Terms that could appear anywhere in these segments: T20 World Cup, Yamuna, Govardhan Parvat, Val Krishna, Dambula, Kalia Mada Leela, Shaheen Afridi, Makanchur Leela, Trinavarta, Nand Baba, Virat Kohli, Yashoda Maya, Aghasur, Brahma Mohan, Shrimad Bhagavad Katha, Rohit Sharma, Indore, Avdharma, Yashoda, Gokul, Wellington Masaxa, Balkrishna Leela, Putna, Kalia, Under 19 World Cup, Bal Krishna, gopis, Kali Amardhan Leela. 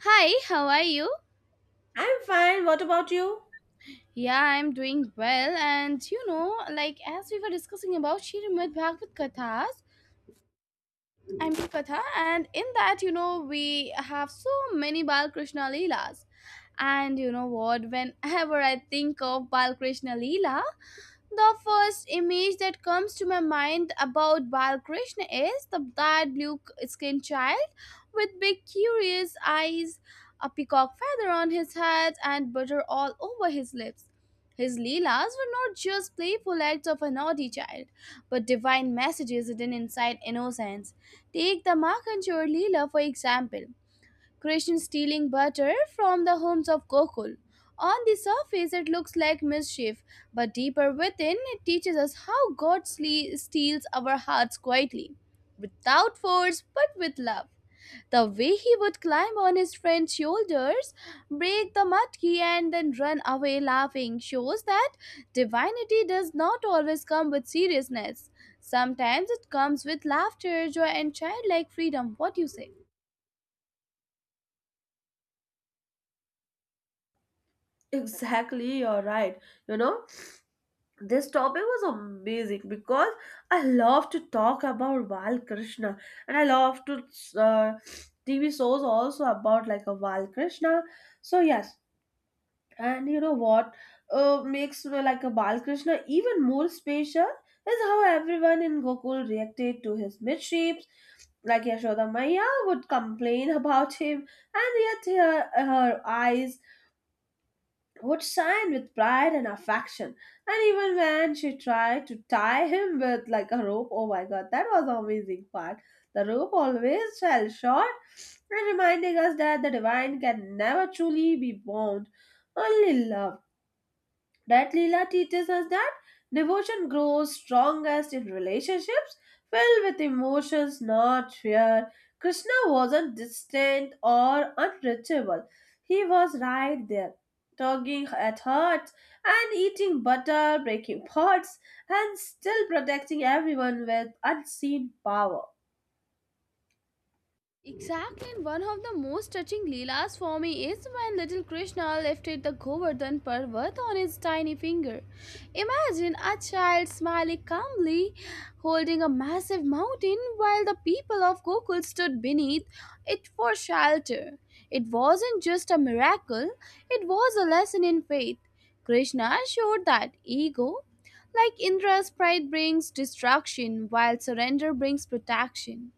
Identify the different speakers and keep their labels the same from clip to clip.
Speaker 1: Hi, how are you?
Speaker 2: I'm fine. What about you?
Speaker 1: Yeah, I'm doing well. And like as we were discussing about Shrimad Bhagavad Kathas, I mean Katha, and in that, we have so many Balkrishna Leelas. And you know what, whenever I think of Balkrishna Leela, the first image that comes to my mind about Balakrishna is that blue skinned child with big, curious eyes, a peacock feather on his head, and butter all over his lips. His Leelas were not just playful acts of a naughty child, but divine messages hidden inside innocence. Take the Makanchur Leela for example. Krishna stealing butter from the homes of Gokul. On the surface, it looks like mischief, but deeper within, it teaches us how God steals our hearts quietly, without force but with love. The way he would climb on his friend's shoulders, break the matki, and then run away laughing shows that divinity does not always come with seriousness. Sometimes it comes with laughter, joy, and childlike freedom. What do you say?
Speaker 2: Exactly, you're right. You know, this topic was amazing because I love to talk about Val Krishna and I love to uh, TV shows also about like a Val Krishna. So, yes, and you know what makes like a Val Krishna even more special is how everyone in Gokul reacted to his midships. Like Yashoda Maya would complain about him, and yet her eyes would shine with pride and affection. And even when she tried to tie him with like a rope, oh my god, that was the amazing part. The rope always fell short, and reminding us that the divine can never truly be bound, only love. That Leela teaches us that devotion grows strongest in relationships filled with emotions, not fear. Krishna wasn't distant or unreachable. He was right there, tugging at hearts and eating butter, breaking pots, and still protecting everyone with unseen power.
Speaker 1: Exactly, and one of the most touching Leelas for me is when little Krishna lifted the Govardhan Parvat on his tiny finger. Imagine a child smiling calmly, holding a massive mountain while the people of Gokul stood beneath it for shelter. It wasn't just a miracle, it was a lesson in faith. Krishna showed that ego, like Indra's pride, brings destruction, while surrender brings protection.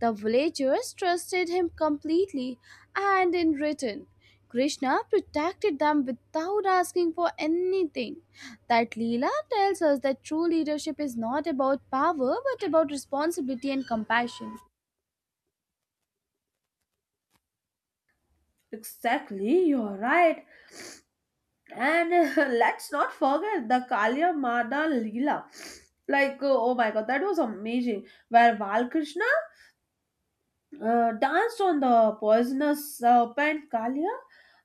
Speaker 1: The villagers trusted him completely, and in return, Krishna protected them without asking for anything. That Leela tells us that true leadership is not about power but about responsibility and compassion.
Speaker 2: Exactly, you're right. And Let's not forget the Kalia Mada Leela. Oh my god, that was amazing. Where Valkrishna danced on the poisonous serpent Kalia,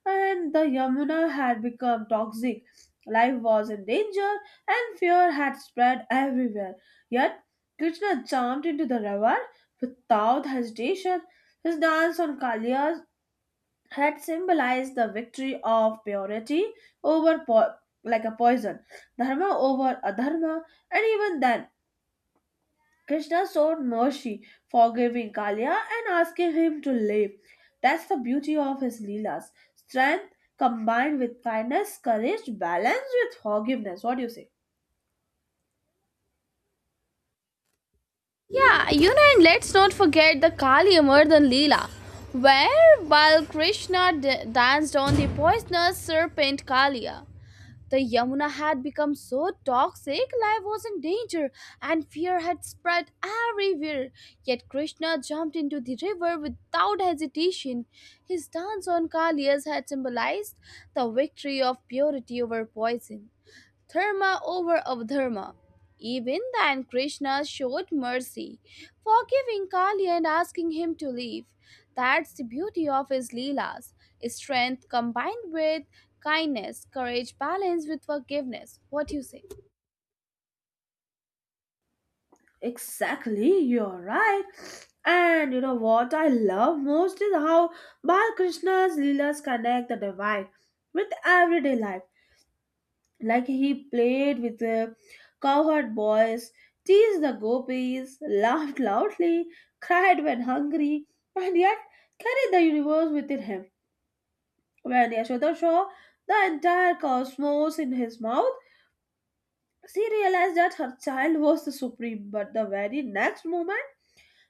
Speaker 2: and the Yamuna had become toxic. Life was in danger, and fear had spread everywhere. Yet, Krishna jumped into the river without hesitation. His dance on Kalia had symbolized the victory of purity over like a poison, dharma over adharma, and even then, Krishna showed mercy, forgiving Kalya and asking him to live. That's the beauty of his Leelas. Strength combined with kindness, courage balanced with forgiveness. What do you say?
Speaker 1: Yeah, and let's not forget the Kali Amardhan Leela, where while Krishna danced on the poisonous serpent Kalia. The Yamuna had become so toxic, life was in danger, and fear had spread everywhere. Yet Krishna jumped into the river without hesitation. His dance on Kalias had symbolized the victory of purity over poison. Dharma over Avdharma. Even then, Krishna showed mercy, forgiving Kali and asking him to leave. That's the beauty of his Leelas, strength combined with kindness, courage balanced with forgiveness. What do you say?
Speaker 2: Exactly, you're right. And you know what I love most is how Bal Krishna's Leelas connect the divine with everyday life like he played with the cowherd boys, teased the gopis, laughed loudly, cried when hungry, and yet carried the universe within him. When Yashoda saw the entire cosmos in his mouth, she realized that her child was the supreme, but the very next moment,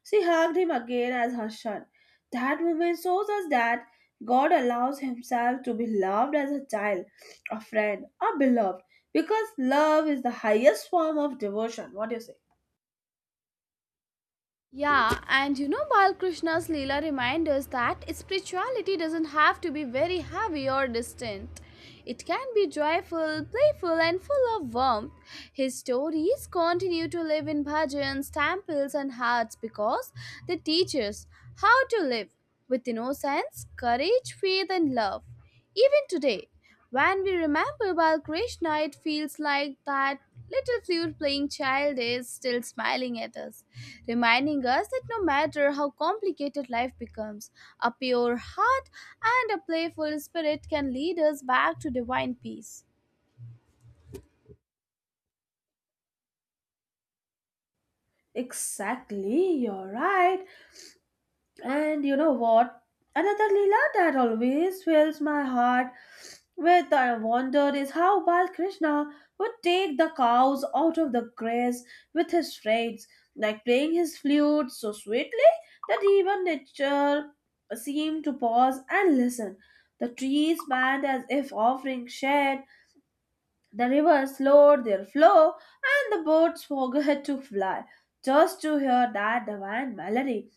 Speaker 2: she hugged him again as her son. That moment shows us that God allows himself to be loved as a child, a friend, a beloved, because love is the highest form of devotion. What do you say?
Speaker 1: Yeah, and Balkrishna's Leela reminds us that spirituality doesn't have to be very heavy or distant. It can be joyful, playful, and full of warmth. His stories continue to live in bhajans, temples, and hearts because they teach us how to live with innocence, courage, faith, and love. Even today, when we remember Balkrishna, it feels like that little flute playing child is still smiling at us, reminding us that no matter how complicated life becomes, a pure heart and a playful spirit can lead us back to divine peace.
Speaker 2: Exactly, you're right. And you know what? Another Leela that always fills my heart with wonder is how Balkrishna would take the cows out of the grass with his strides, like playing his flute so sweetly that even nature seemed to pause and listen. The trees bent as if offering shade, the rivers slowed their flow, and the boats forgot to fly just to hear that divine melody.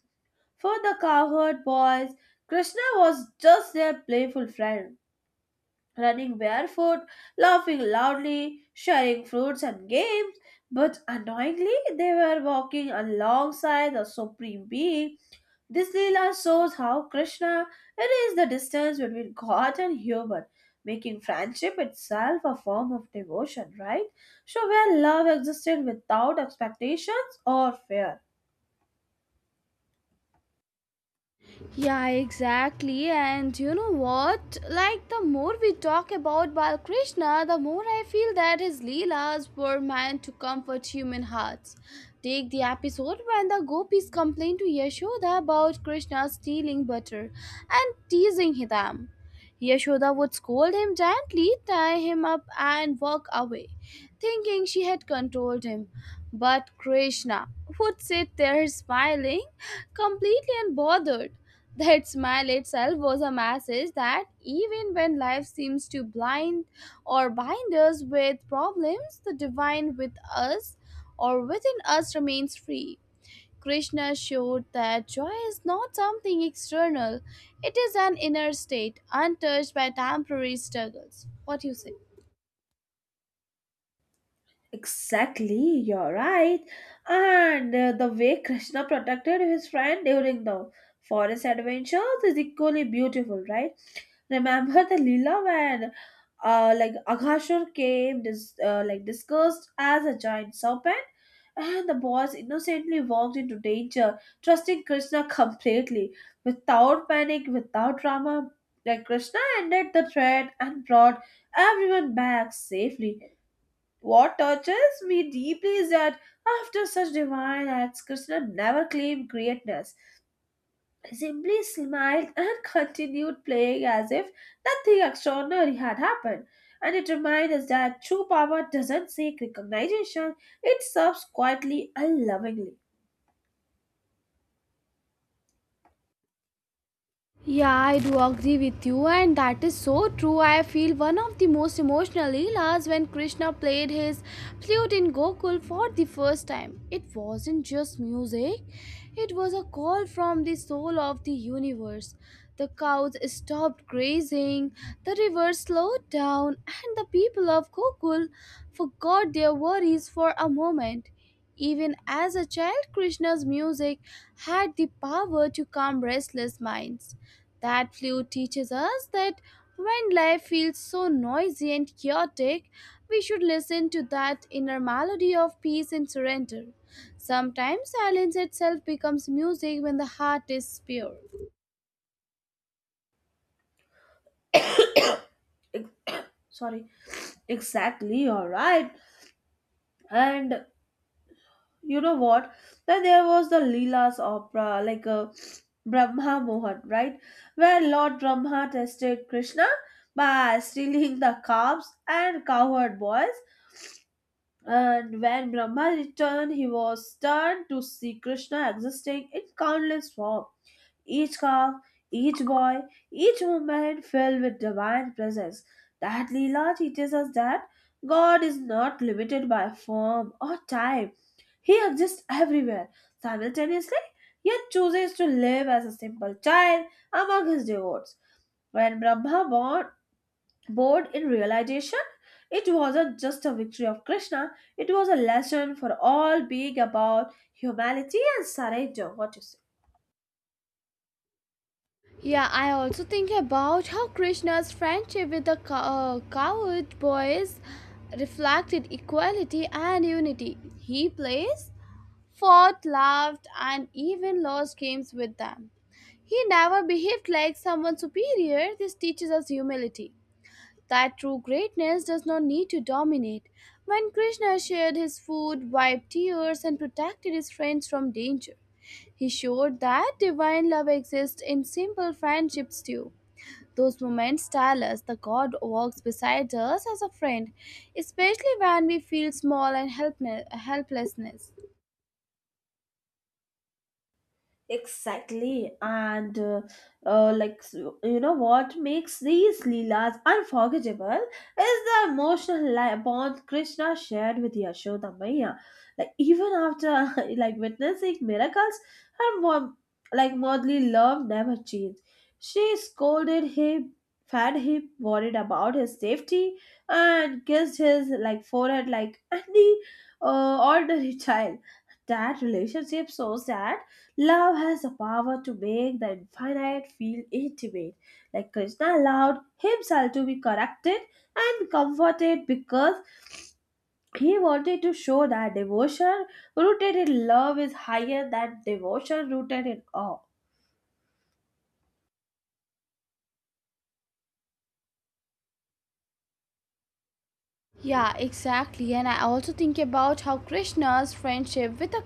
Speaker 2: For the cowherd boys, Krishna was just their playful friend, running barefoot, laughing loudly, sharing fruits and games. But annoyingly, they were walking alongside the Supreme Being. This Leela shows how Krishna is the distance between God and human, making friendship itself a form of devotion, right? So, where love existed without expectations or fear.
Speaker 1: Yeah, exactly. And you know what? Like, the more we talk about Balakrishna, the more I feel that his Leelas were meant to comfort human hearts. Take the episode when the gopis complained to Yashoda about Krishna stealing butter and teasing them. Yashoda would scold him gently, tie him up, and walk away, thinking she had controlled him. But Krishna would sit there smiling, completely unbothered. That smile itself was a message that even when life seems to blind or bind us with problems, the divine with us or within us remains free. Krishna showed that joy is not something external, it is an inner state, untouched by temporary struggles. What do you say?
Speaker 2: Exactly, you're right. And The way Krishna protected his friend during the forest adventures is equally beautiful, right? Remember the Leela when, like Aghasur came, like disguised as a giant serpent, and the boys innocently walked into danger, trusting Krishna completely, without panic, without drama. Like Krishna ended the threat and brought everyone back safely what touches me deeply is that after such divine acts, Krishna never claimed greatness. He simply smiled and continued playing as if nothing extraordinary had happened. And it reminds us that true power doesn't seek recognition, it serves quietly and lovingly.
Speaker 1: Yeah, I do agree with you, and that is so true. I feel one of the most emotional leelas when Krishna played his flute in Gokul for the first time. It wasn't just music, it was a call from the soul of the universe. The cows stopped grazing, the river slowed down, and the people of Gokul forgot their worries for a moment. Even as a child, Krishna's music had the power to calm restless minds. That flute teaches us that when life feels so noisy and chaotic, we should listen to that inner melody of peace and surrender. Sometimes silence itself becomes music when the heart is pure.
Speaker 2: Ex- Sorry, exactly, alright. And you know what? Then there was the Leela's opera, like a Brahma Mohan, right? Where Lord Brahma tested Krishna by stealing the calves and cowherd boys. And when Brahma returned, he was stunned to see Krishna existing in countless forms. Each calf, each boy, each woman filled with divine presence. That Leela teaches us that God is not limited by form or time he exists everywhere simultaneously, yet chooses to live as a simple child among his devotees. When born in realization, it wasn't just a victory of Krishna, it was a lesson for all being about humility and surrender. What you say?
Speaker 1: Yeah, I also think about how Krishna's friendship with the cowherd boys reflected equality and unity. He plays fought, laughed, and even lost games with them. He never behaved like someone superior. This teaches us humility. That true greatness does not need to dominate. When Krishna shared his food, wiped tears, and protected his friends from danger, he showed that divine love exists in simple friendships too. Those moments tell us the God walks beside us as a friend, especially when we feel small and helplessness.
Speaker 2: Exactly, you know, what makes these Leelas unforgettable is the emotional bond Krishna shared with Yashoda Maya. Like even after like witnessing miracles, her mom, like motherly love never changed. She scolded him, fed him, worried about his safety, and kissed his like forehead like any ordinary child. That relationship shows that. Love has the power to make the infinite feel intimate. Like Krishna allowed himself to be corrected and comforted because he wanted to show that devotion rooted in love is higher than devotion rooted in awe.
Speaker 1: Yeah, exactly. And I also think about how Krishna's friendship with the,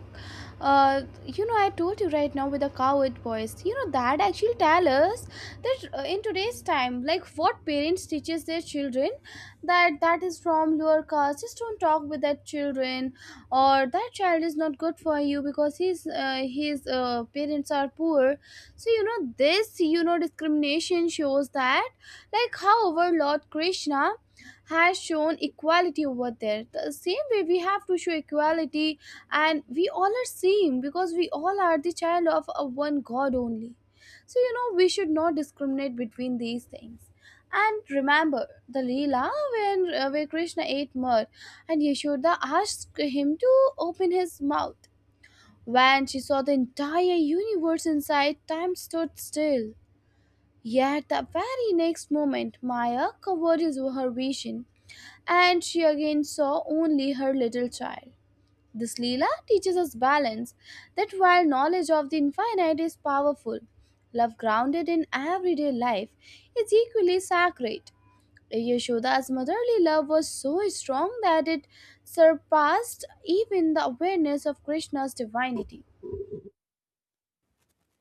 Speaker 1: uh, you know, I told you right now with the coward boys, you know, that actually tell us that in today's time, like what parents teaches their children, that that is from lower caste, just don't talk with that children, or that child is not good for you because his parents are poor. So you know this, you know, discrimination shows that, like, however, Lord Krishna has shown equality over there the same way we have to show equality and we all are same because we all are the child of a one god only. So you know we should not discriminate between these things. And remember the Leela when, where Krishna ate mud and Yashoda asked him to open his mouth. When she saw the entire universe inside, time stood still. Yet the very next moment, Maya covered his, her vision and she again saw only her little child. This Leela teaches us balance that while knowledge of the infinite is powerful, love grounded in everyday life is equally sacred. Yashoda's motherly love was so strong that it surpassed even the awareness of Krishna's divinity.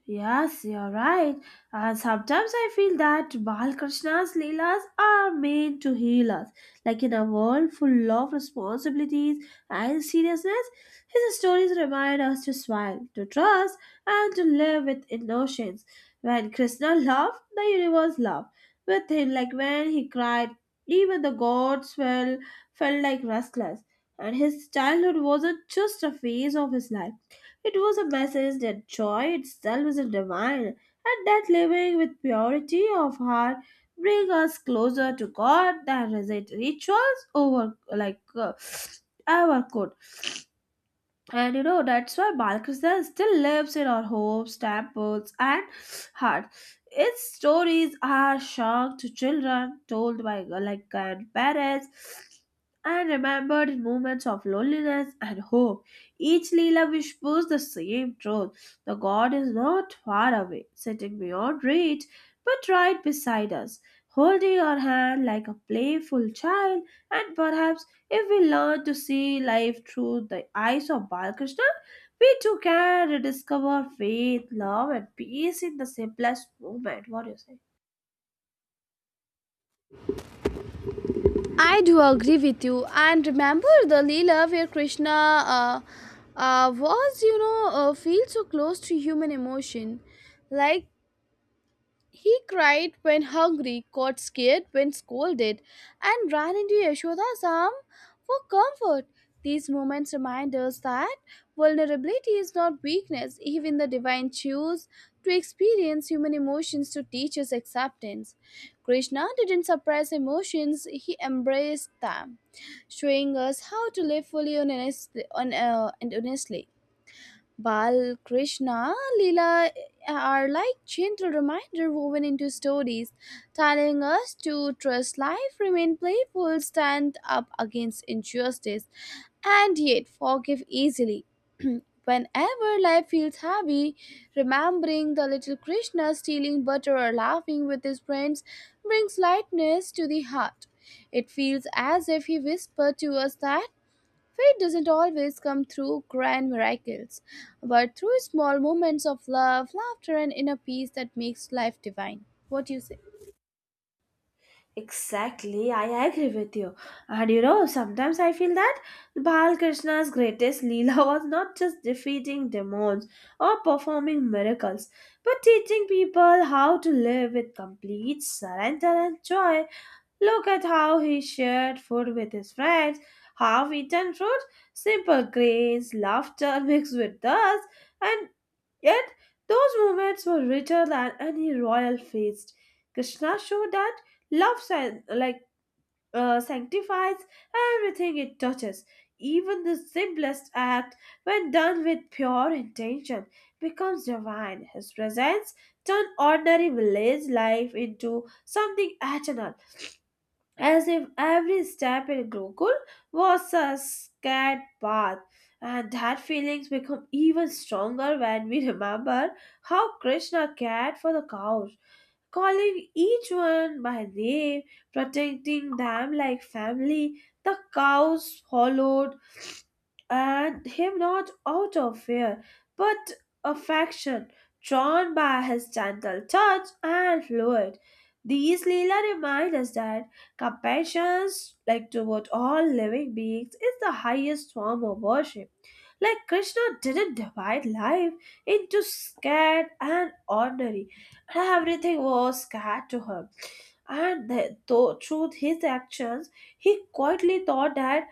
Speaker 2: Yes, you're right. And sometimes I feel that Balkrishna's Leelas are meant to heal us. Like in a world full of responsibilities and seriousness, his stories remind us to smile, to trust, and to live with innocence. When Krishna loved, the universe loved with him. Like when he cried, even the felt like restless. And his childhood wasn't just a phase of his life. It was a message that joy itself is divine, and that living with purity of heart bring us closer to God than rituals over ever could. And you know, that's why Balkrishna still lives in our homes, temples, and hearts. Its stories are sung to children, told by like grandparents, and remembered in moments of loneliness and hope. Each Leela whispers the same truth. The God is not far away, sitting beyond reach, but right beside us, holding our hand like a playful child, and perhaps if we learn to see life through the eyes of Balkrishna, we too can rediscover faith, love, and peace in the simplest moment. What do you say?
Speaker 1: I do agree with you. And remember the Leela where Krishna feel so close to human emotion. Like, he cried when hungry, got scared when scolded, and ran into Yashoda's arm for comfort. These moments remind us that vulnerability is not weakness. Even the divine choose to experience human emotions to teach us acceptance. Krishna didn't suppress emotions, he embraced them, showing us how to live fully and honestly. Balkrishna Leela are like gentle reminder woven into stories, telling us to trust life, remain playful, stand up against injustice, and yet forgive easily. Whenever life feels heavy, remembering the little Krishna stealing butter or laughing with his friends brings lightness to the heart. It feels as if he whispered to us that fate doesn't always come through grand miracles, but through small moments of love, laughter, and inner peace that makes life divine. What do you say?
Speaker 2: Exactly, I agree with you. And you know, sometimes I feel that Balkrishna's greatest Leela was not just defeating demons or performing miracles, but teaching people how to live with complete surrender and joy. Look at how he shared food with his friends, half eaten fruit, simple grains, laughter mixed with dust, and yet those moments were richer than any royal feast. Krishna showed that love sanctifies everything it touches. Even the simplest act, when done with pure intention, becomes divine. His presence turned ordinary village life into something eternal as if every step in Gokul was a scared path. And that feelings become even stronger when we remember how Krishna cared for the cows, calling each one by name, protecting them like family. The cows followed and him not out of fear, but affection, drawn by his gentle touch and fluid. These Leela remind us that compassion, like toward all living beings, is the highest form of worship. Like Krishna didn't divide life into scared and ordinary, and everything was scared to him. And though through his actions, he quietly taught that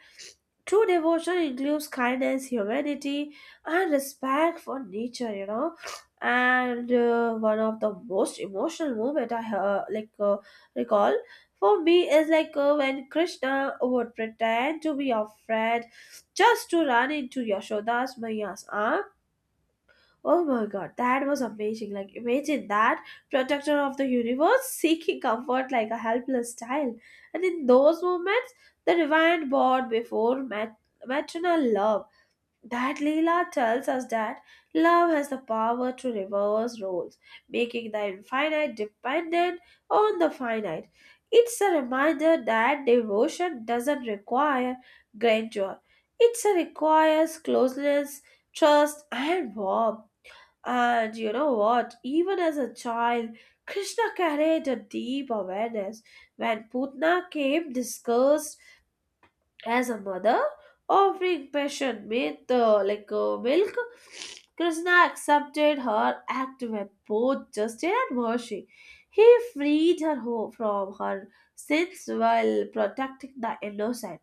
Speaker 2: true devotion includes kindness, humanity, and respect for nature. You know, and one of the most emotional moment I like recall for me is when Krishna would pretend to be your friend just to run into Yashoda's Maya's arm oh my god, that was amazing. Like, imagine that protector of the universe seeking comfort like a helpless child. And in those moments, the divine bond before maternal love. That Leela tells us that love has the power to reverse roles, making the infinite dependent on the finite. It's a reminder that devotion doesn't require grandeur, it requires closeness, trust, and warmth. And you know what? Even as a child, Krishna carried a deep awareness. When Putna came, discussed as a mother offering passion with milk Krishna accepted her act with both justice and mercy he freed from her sins while protecting the innocent.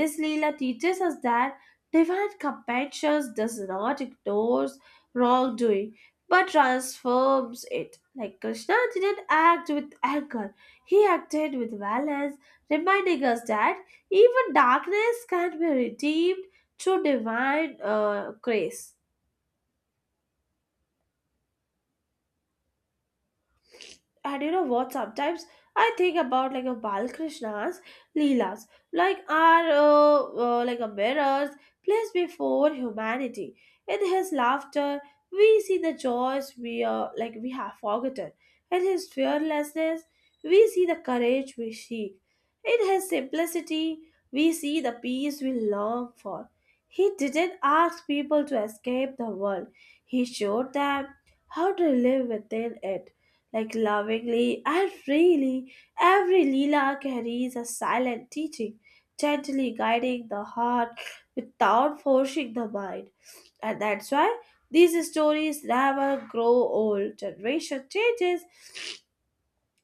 Speaker 2: This Leela teaches us that divine compassion does not ignore wrongdoing but transforms it like Krishna didn't act with anger he acted with balance reminding us that even darkness can be redeemed through divine grace. And you know what sometimes I think about like a Balkrishna's Leelas like are uh, like a mirrors placed before humanity in his laughter we see the joys we we have forgotten in his fearlessness we see the courage we seek in his simplicity we see the peace we long for he didn't ask people to escape the world he showed them how to live within it like lovingly and freely. Every Leela carries a silent teaching, gently guiding the heart without forcing the mind. And that's why these stories never grow old. Generation changes,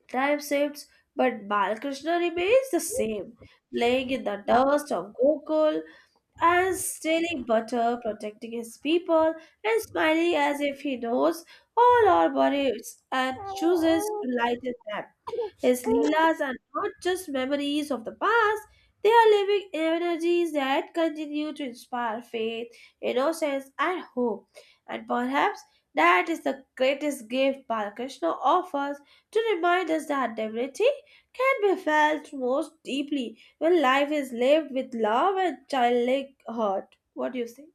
Speaker 2: time shifts, but Balakrishna remains the same, playing in the dust of Gokul and stealing butter, protecting his people, and smiling as if he knows all our bodies and chooses to lighten them. His Leelas are not just memories of the past, they are living energies that continue to inspire faith, innocence, and hope. And perhaps that is the greatest gift Balakrishna offers to remind us that divinity can be felt most deeply when life is lived with love and childlike heart. What do you say?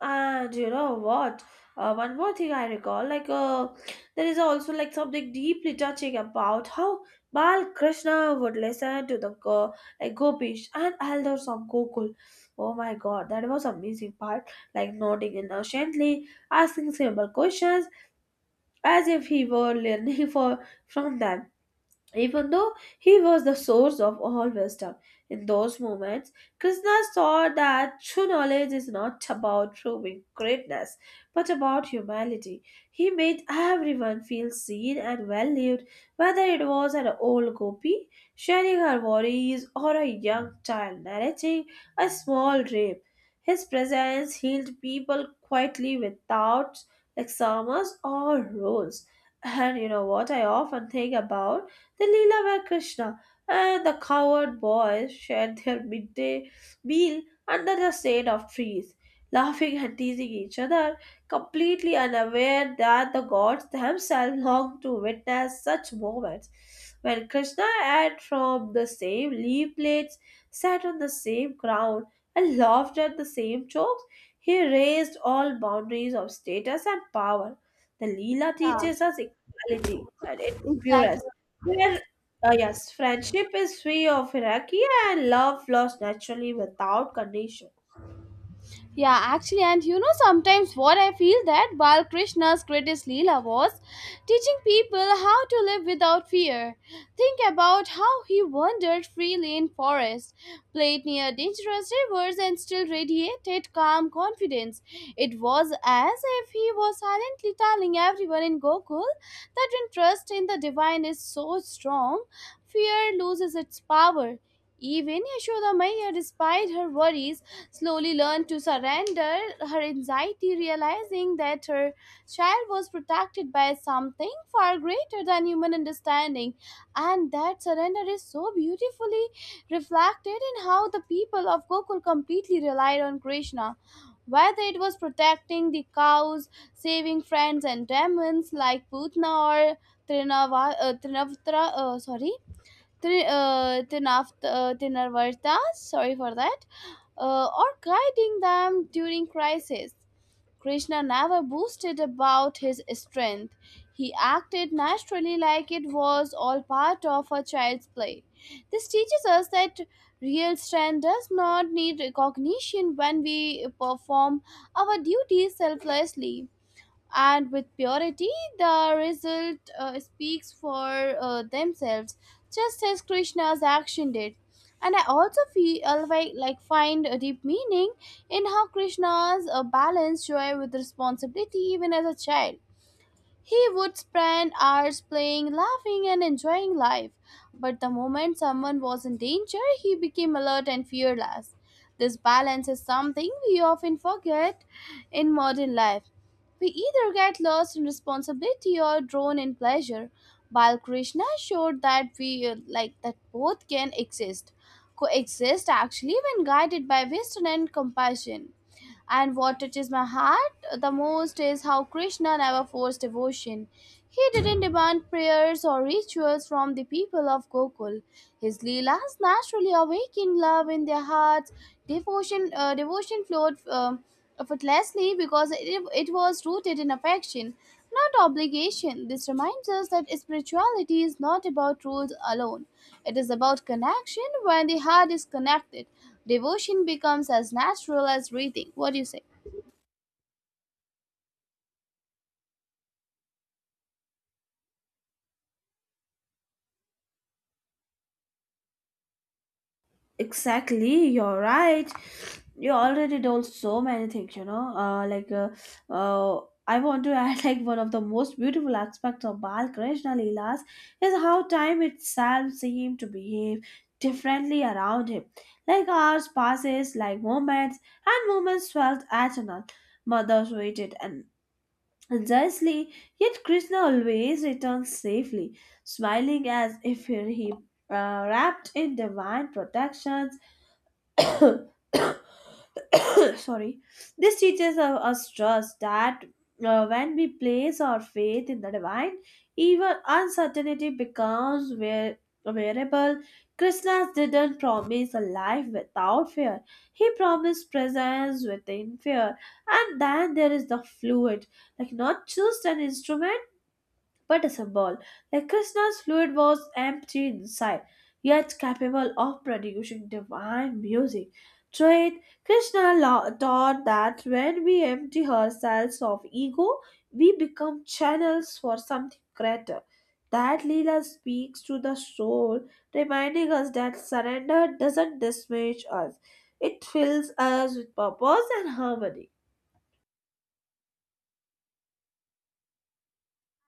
Speaker 2: And you know what? One more thing I recall, there is also like something deeply touching about how Bal Krishna would listen to the like Gopish and elders of Gokul. Oh my God, that was amazing part. Like nodding innocently, asking simple questions as if he were learning for from them. Even though he was the source of all wisdom, in those moments, Krishna saw that true knowledge is not about proving greatness, but about humility. He made everyone feel seen and valued, whether it was an old gopi sharing her worries or a young child narrating a small dream. His presence healed people quietly without exams or rules. And you know what I often think about? The Leela were Krishna, and the coward boys shared their midday meal under the shade of trees, laughing and teasing each other, completely unaware that the gods themselves longed to witness such moments. When Krishna ate from the same leaf plates, sat on the same ground, and laughed at the same jokes, he raised all boundaries of status and power. The Leela
Speaker 1: Yeah,
Speaker 2: teaches us equality and its
Speaker 1: exactly.
Speaker 2: purest. Where, yes, friendship is free of hierarchy and love flows naturally without condition.
Speaker 1: Yeah, actually, and you know, sometimes what I feel that Balkrishna's greatest Leela was teaching people how to live without fear. Think about how he wandered freely in forests, played near dangerous rivers, and still radiated calm confidence. It was as if he was silently telling everyone in Gokul that when trust in the divine is so strong, fear loses its power. Even Yashodamaya, despite her worries, slowly learned to surrender her anxiety, realizing that her child was protected by something far greater than human understanding. And that surrender is so beautifully reflected in how the people of Gokul completely relied on Krishna. Whether it was protecting the cows, saving friends and demons like Putna or Trinavatra, sorry, Tinarvartas, sorry for that, or guiding them during crisis. Krishna never boasted about his strength. He acted naturally like it was all part of a child's play. This teaches us that real strength does not need recognition. When we perform our duties selflessly and with purity, the result speaks for themselves, just as Krishna's action did. And I also feel, like find a deep meaning in how Krishna's balanced joy with responsibility. Even as a child, he would spend hours playing, laughing, and enjoying life. But the moment someone was in danger, he became alert and fearless. This balance is something we often forget in modern life. We either get lost in responsibility or drawn in pleasure. Balkrishna showed that we like that both can exist, coexist actually, when guided by wisdom and compassion. And what touches my heart the most is how Krishna never forced devotion. He didn't demand prayers or rituals from the people of Gokul. His leelas naturally awakened love in their hearts. Devotion flowed effortlessly because it was rooted in affection, not obligation. This reminds us that spirituality is not about rules alone. It is about connection. When the heart is connected, devotion becomes as natural as breathing. What do you say?
Speaker 2: Exactly, you're right. You already told so many things, you know. I want to add like one of the most beautiful aspects of Bal Krishna Leelas is how time itself seemed to behave differently around him. Like hours passes, like moments, and moments felt eternal. Mothers waited, and precisely, yet Krishna always returns safely, smiling as if he wrapped in divine protection. Sorry, this teaches us trust that when we place our faith in the divine, even uncertainty becomes variable. Krishna didn't promise a life without fear, he promised presence within fear. And then there is the fluid, like not just an instrument, but as a ball. Like Krishna's fluid was empty inside, yet capable of producing divine music. Through it, Krishna taught that when we empty ourselves of ego, we become channels for something greater. That Leela speaks to the soul, reminding us that surrender doesn't dismiss us. It fills us with purpose and harmony.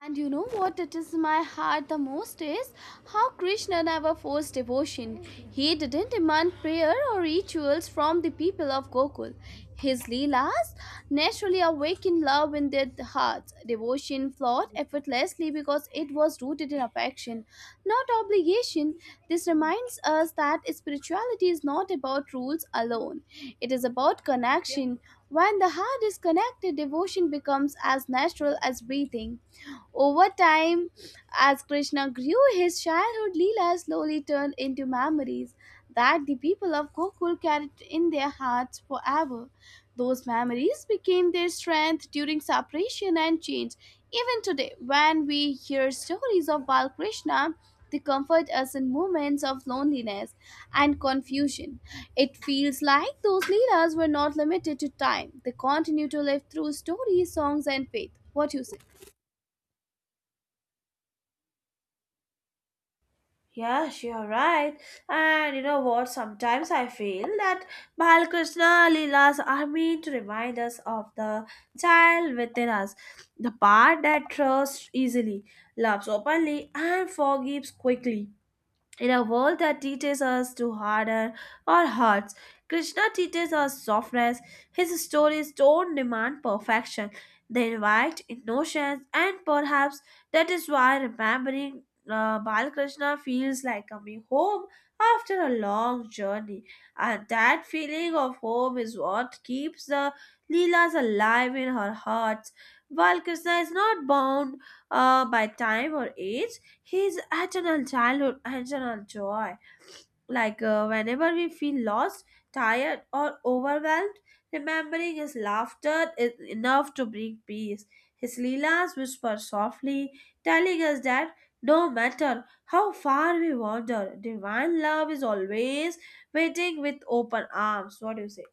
Speaker 1: And you know what touches my heart the most is how Krishna never forced devotion. He didn't demand prayer or rituals from the people of Gokul. His Leelas naturally awakened love in their hearts. Devotion flowed effortlessly because it was rooted in affection, not obligation. This reminds us that spirituality is not about rules alone, it is about connection. When the heart is connected, devotion becomes as natural as breathing. Over time, as Krishna grew, his childhood Leela slowly turned into memories that the people of Gokul carried in their hearts forever. Those memories became their strength during separation and change. Even today, when we hear stories of Balkrishna, they comfort us in moments of loneliness and confusion. It feels like those Leelas were not limited to time. They continue to live through stories, songs, and faith. What you say?
Speaker 2: Yes, you're right. And you know what? Sometimes I feel that Balkrishna Leelas are meant to remind us of the child within us, the part that trusts easily, loves openly, and forgives quickly. In a world that teaches us to harden our hearts, Krishna teaches us softness. His stories don't demand perfection, they invite innocence, and perhaps that is why remembering Balakrishna feels like coming home after a long journey. And that feeling of home is what keeps the Leelas alive in our hearts. While Krishna is not bound by time or age, his eternal childhood, eternal joy. Whenever we feel lost, tired, or overwhelmed, remembering his laughter is enough to bring peace. His Leelas whisper softly, telling us that no matter how far we wander, divine love is always waiting with open arms. What do you say?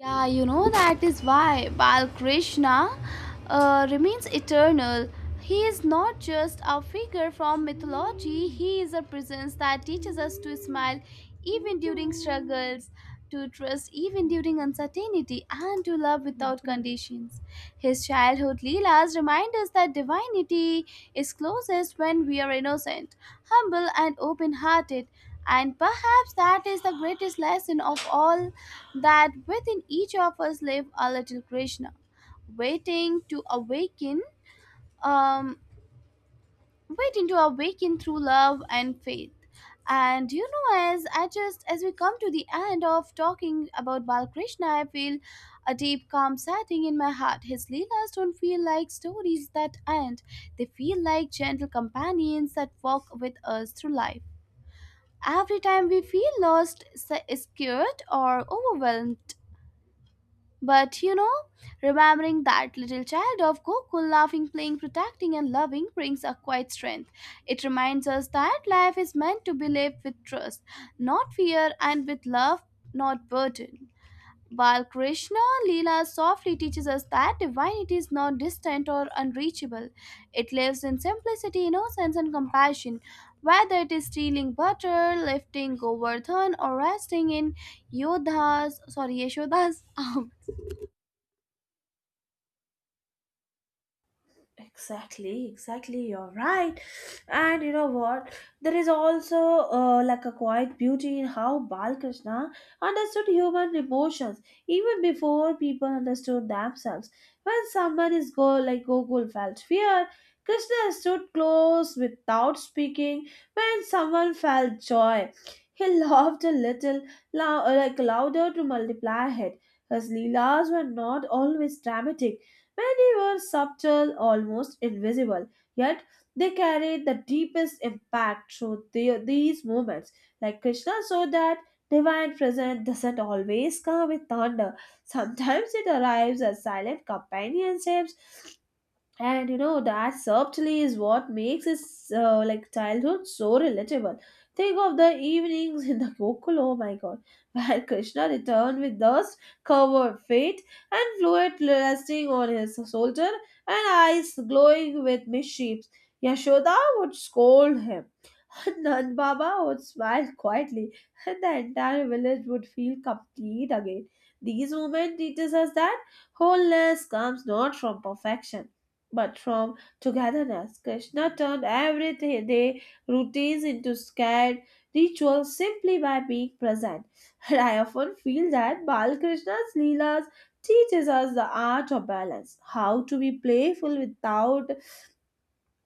Speaker 1: Yeah, you know that is why Balkrishna remains eternal. He is not just a figure from mythology, he is a presence that teaches us to smile even during struggles, to trust even during uncertainty, and to love without conditions. His childhood Leelas remind us that divinity is closest when we are innocent, humble, and open hearted. And perhaps that is the greatest lesson of all, that within each of us live a little Krishna, waiting to awaken, um, waiting to awaken through love and faith. And you know, as I just as we come to the end of talking about Balakrishna, I feel a deep calm setting in my heart. His Leelas don't feel like stories that end, they feel like gentle companions that walk with us through life. Every time we feel lost, scared, or overwhelmed. But you know, remembering that little child of Gokul laughing, playing, protecting, and loving brings a quiet strength. It reminds us that life is meant to be lived with trust, not fear, and with love, not burden. While Krishna Leela softly teaches us that divinity is not distant or unreachable, it lives in simplicity, innocence, and compassion. Whether it is stealing butter, lifting Govardhan, or resting in Yodha's, sorry, Yashoda's
Speaker 2: Exactly, exactly. You're right. And you know what? There is also like a quiet beauty in how Balkrishna understood human emotions even before people understood themselves. When someone is go like Gokul felt fear, Krishna stood close without speaking. When someone felt joy, he laughed a little, like louder to multiply it. His leelas were not always dramatic. Many were subtle, almost invisible, yet they carried the deepest impact through these movements. Like Krishna showed that divine presence doesn't always come with thunder. Sometimes it arrives as silent companionships. And you know that subtly is what makes his like childhood so relatable. Think of the evenings in the Gokul, oh my God, where Krishna returned with dust covered feet and fluid resting on his shoulder and eyes glowing with mischief. Yashoda would scold him, Nand Baba would smile quietly, and the entire village would feel complete again. These moments teaches us that wholeness comes not from perfection but from togetherness. Krishna turned everyday routines into scared rituals simply by being present. And I often feel that Balkrishna's Leelas teaches us the art of balance, how to be playful without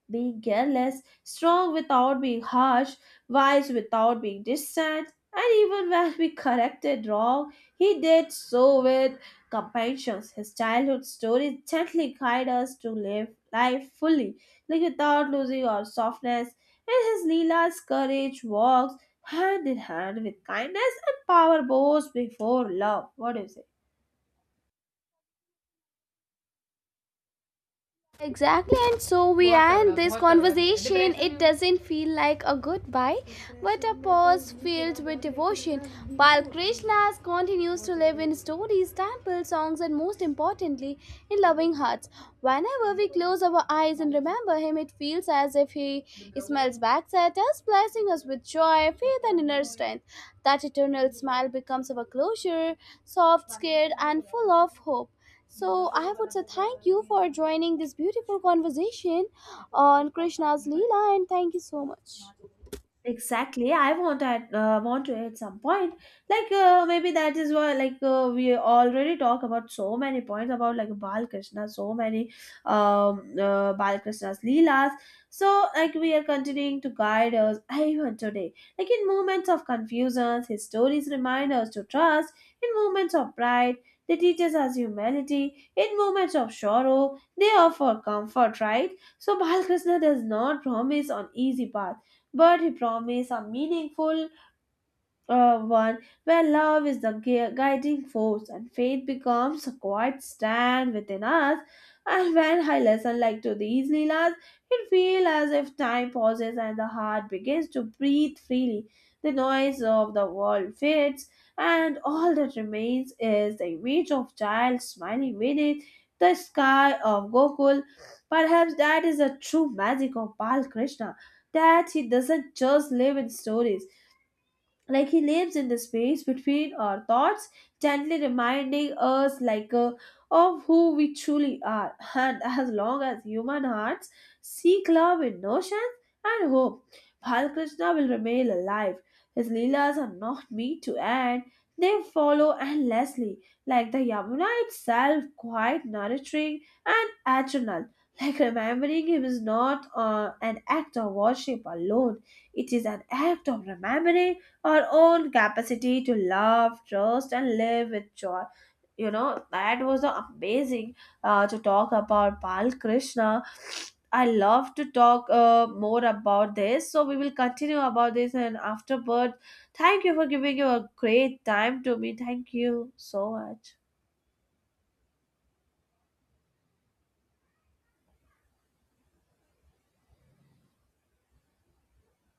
Speaker 2: being careless, strong without being harsh, wise without being distant, and even when we corrected wrong, he did so with compassion. His childhood stories gently guide us to live life fully, like without losing our softness. And his Leela's courage walks hand in hand with kindness and power bows before love. What do you say?
Speaker 1: exactly, and so we end this conversation. It doesn't feel like a goodbye, but a pause filled with devotion. While Krishna continues to live in stories, temples, songs, and most importantly, in loving hearts. Whenever we close our eyes and remember him, it feels as if he smiles back at us, blessing us with joy, faith, and inner strength. That eternal smile becomes our closure, soft, scared, and full of hope. So I would say thank you for joining this beautiful conversation on Krishna's Leela and thank you so much.
Speaker 2: Exactly, I want at want to at some point. Maybe that is why we already talk about so many points about like Balakrishna, so many Balakrishna's leelas. So like we are continuing to guide us even today. Like in moments of confusion, his stories remind us to trust. In moments of pride, they teach us humility. In moments of sorrow, they offer comfort. Right. So Balakrishna does not promise on easy path, but he promised are meaningful one, where love is the guiding force and faith becomes a quiet stand within us. And when I listen like to these Leelas, it feels as if time pauses and the heart begins to breathe freely. The noise of the world fades, and all that remains is the image of child smiling beneath the sky of Gokul. Perhaps that is the true magic of Bal Krishna, that he doesn't just live in stories, like he lives in the space between our thoughts, gently reminding us of who we truly are. And as long as human hearts seek love in notions and hope, Balakrishna will remain alive. His leelas are not made to end, they follow endlessly, like the Yamuna itself, quite nurturing and eternal. Like remembering him is not an act of worship alone, it is an act of remembering our own capacity to love, trust, and live with joy. You know, that was the amazing to talk about Bal Krishna. I love to talk more about this. So we will continue about this and afterward. Thank you for giving you a great time to me. Thank you so much.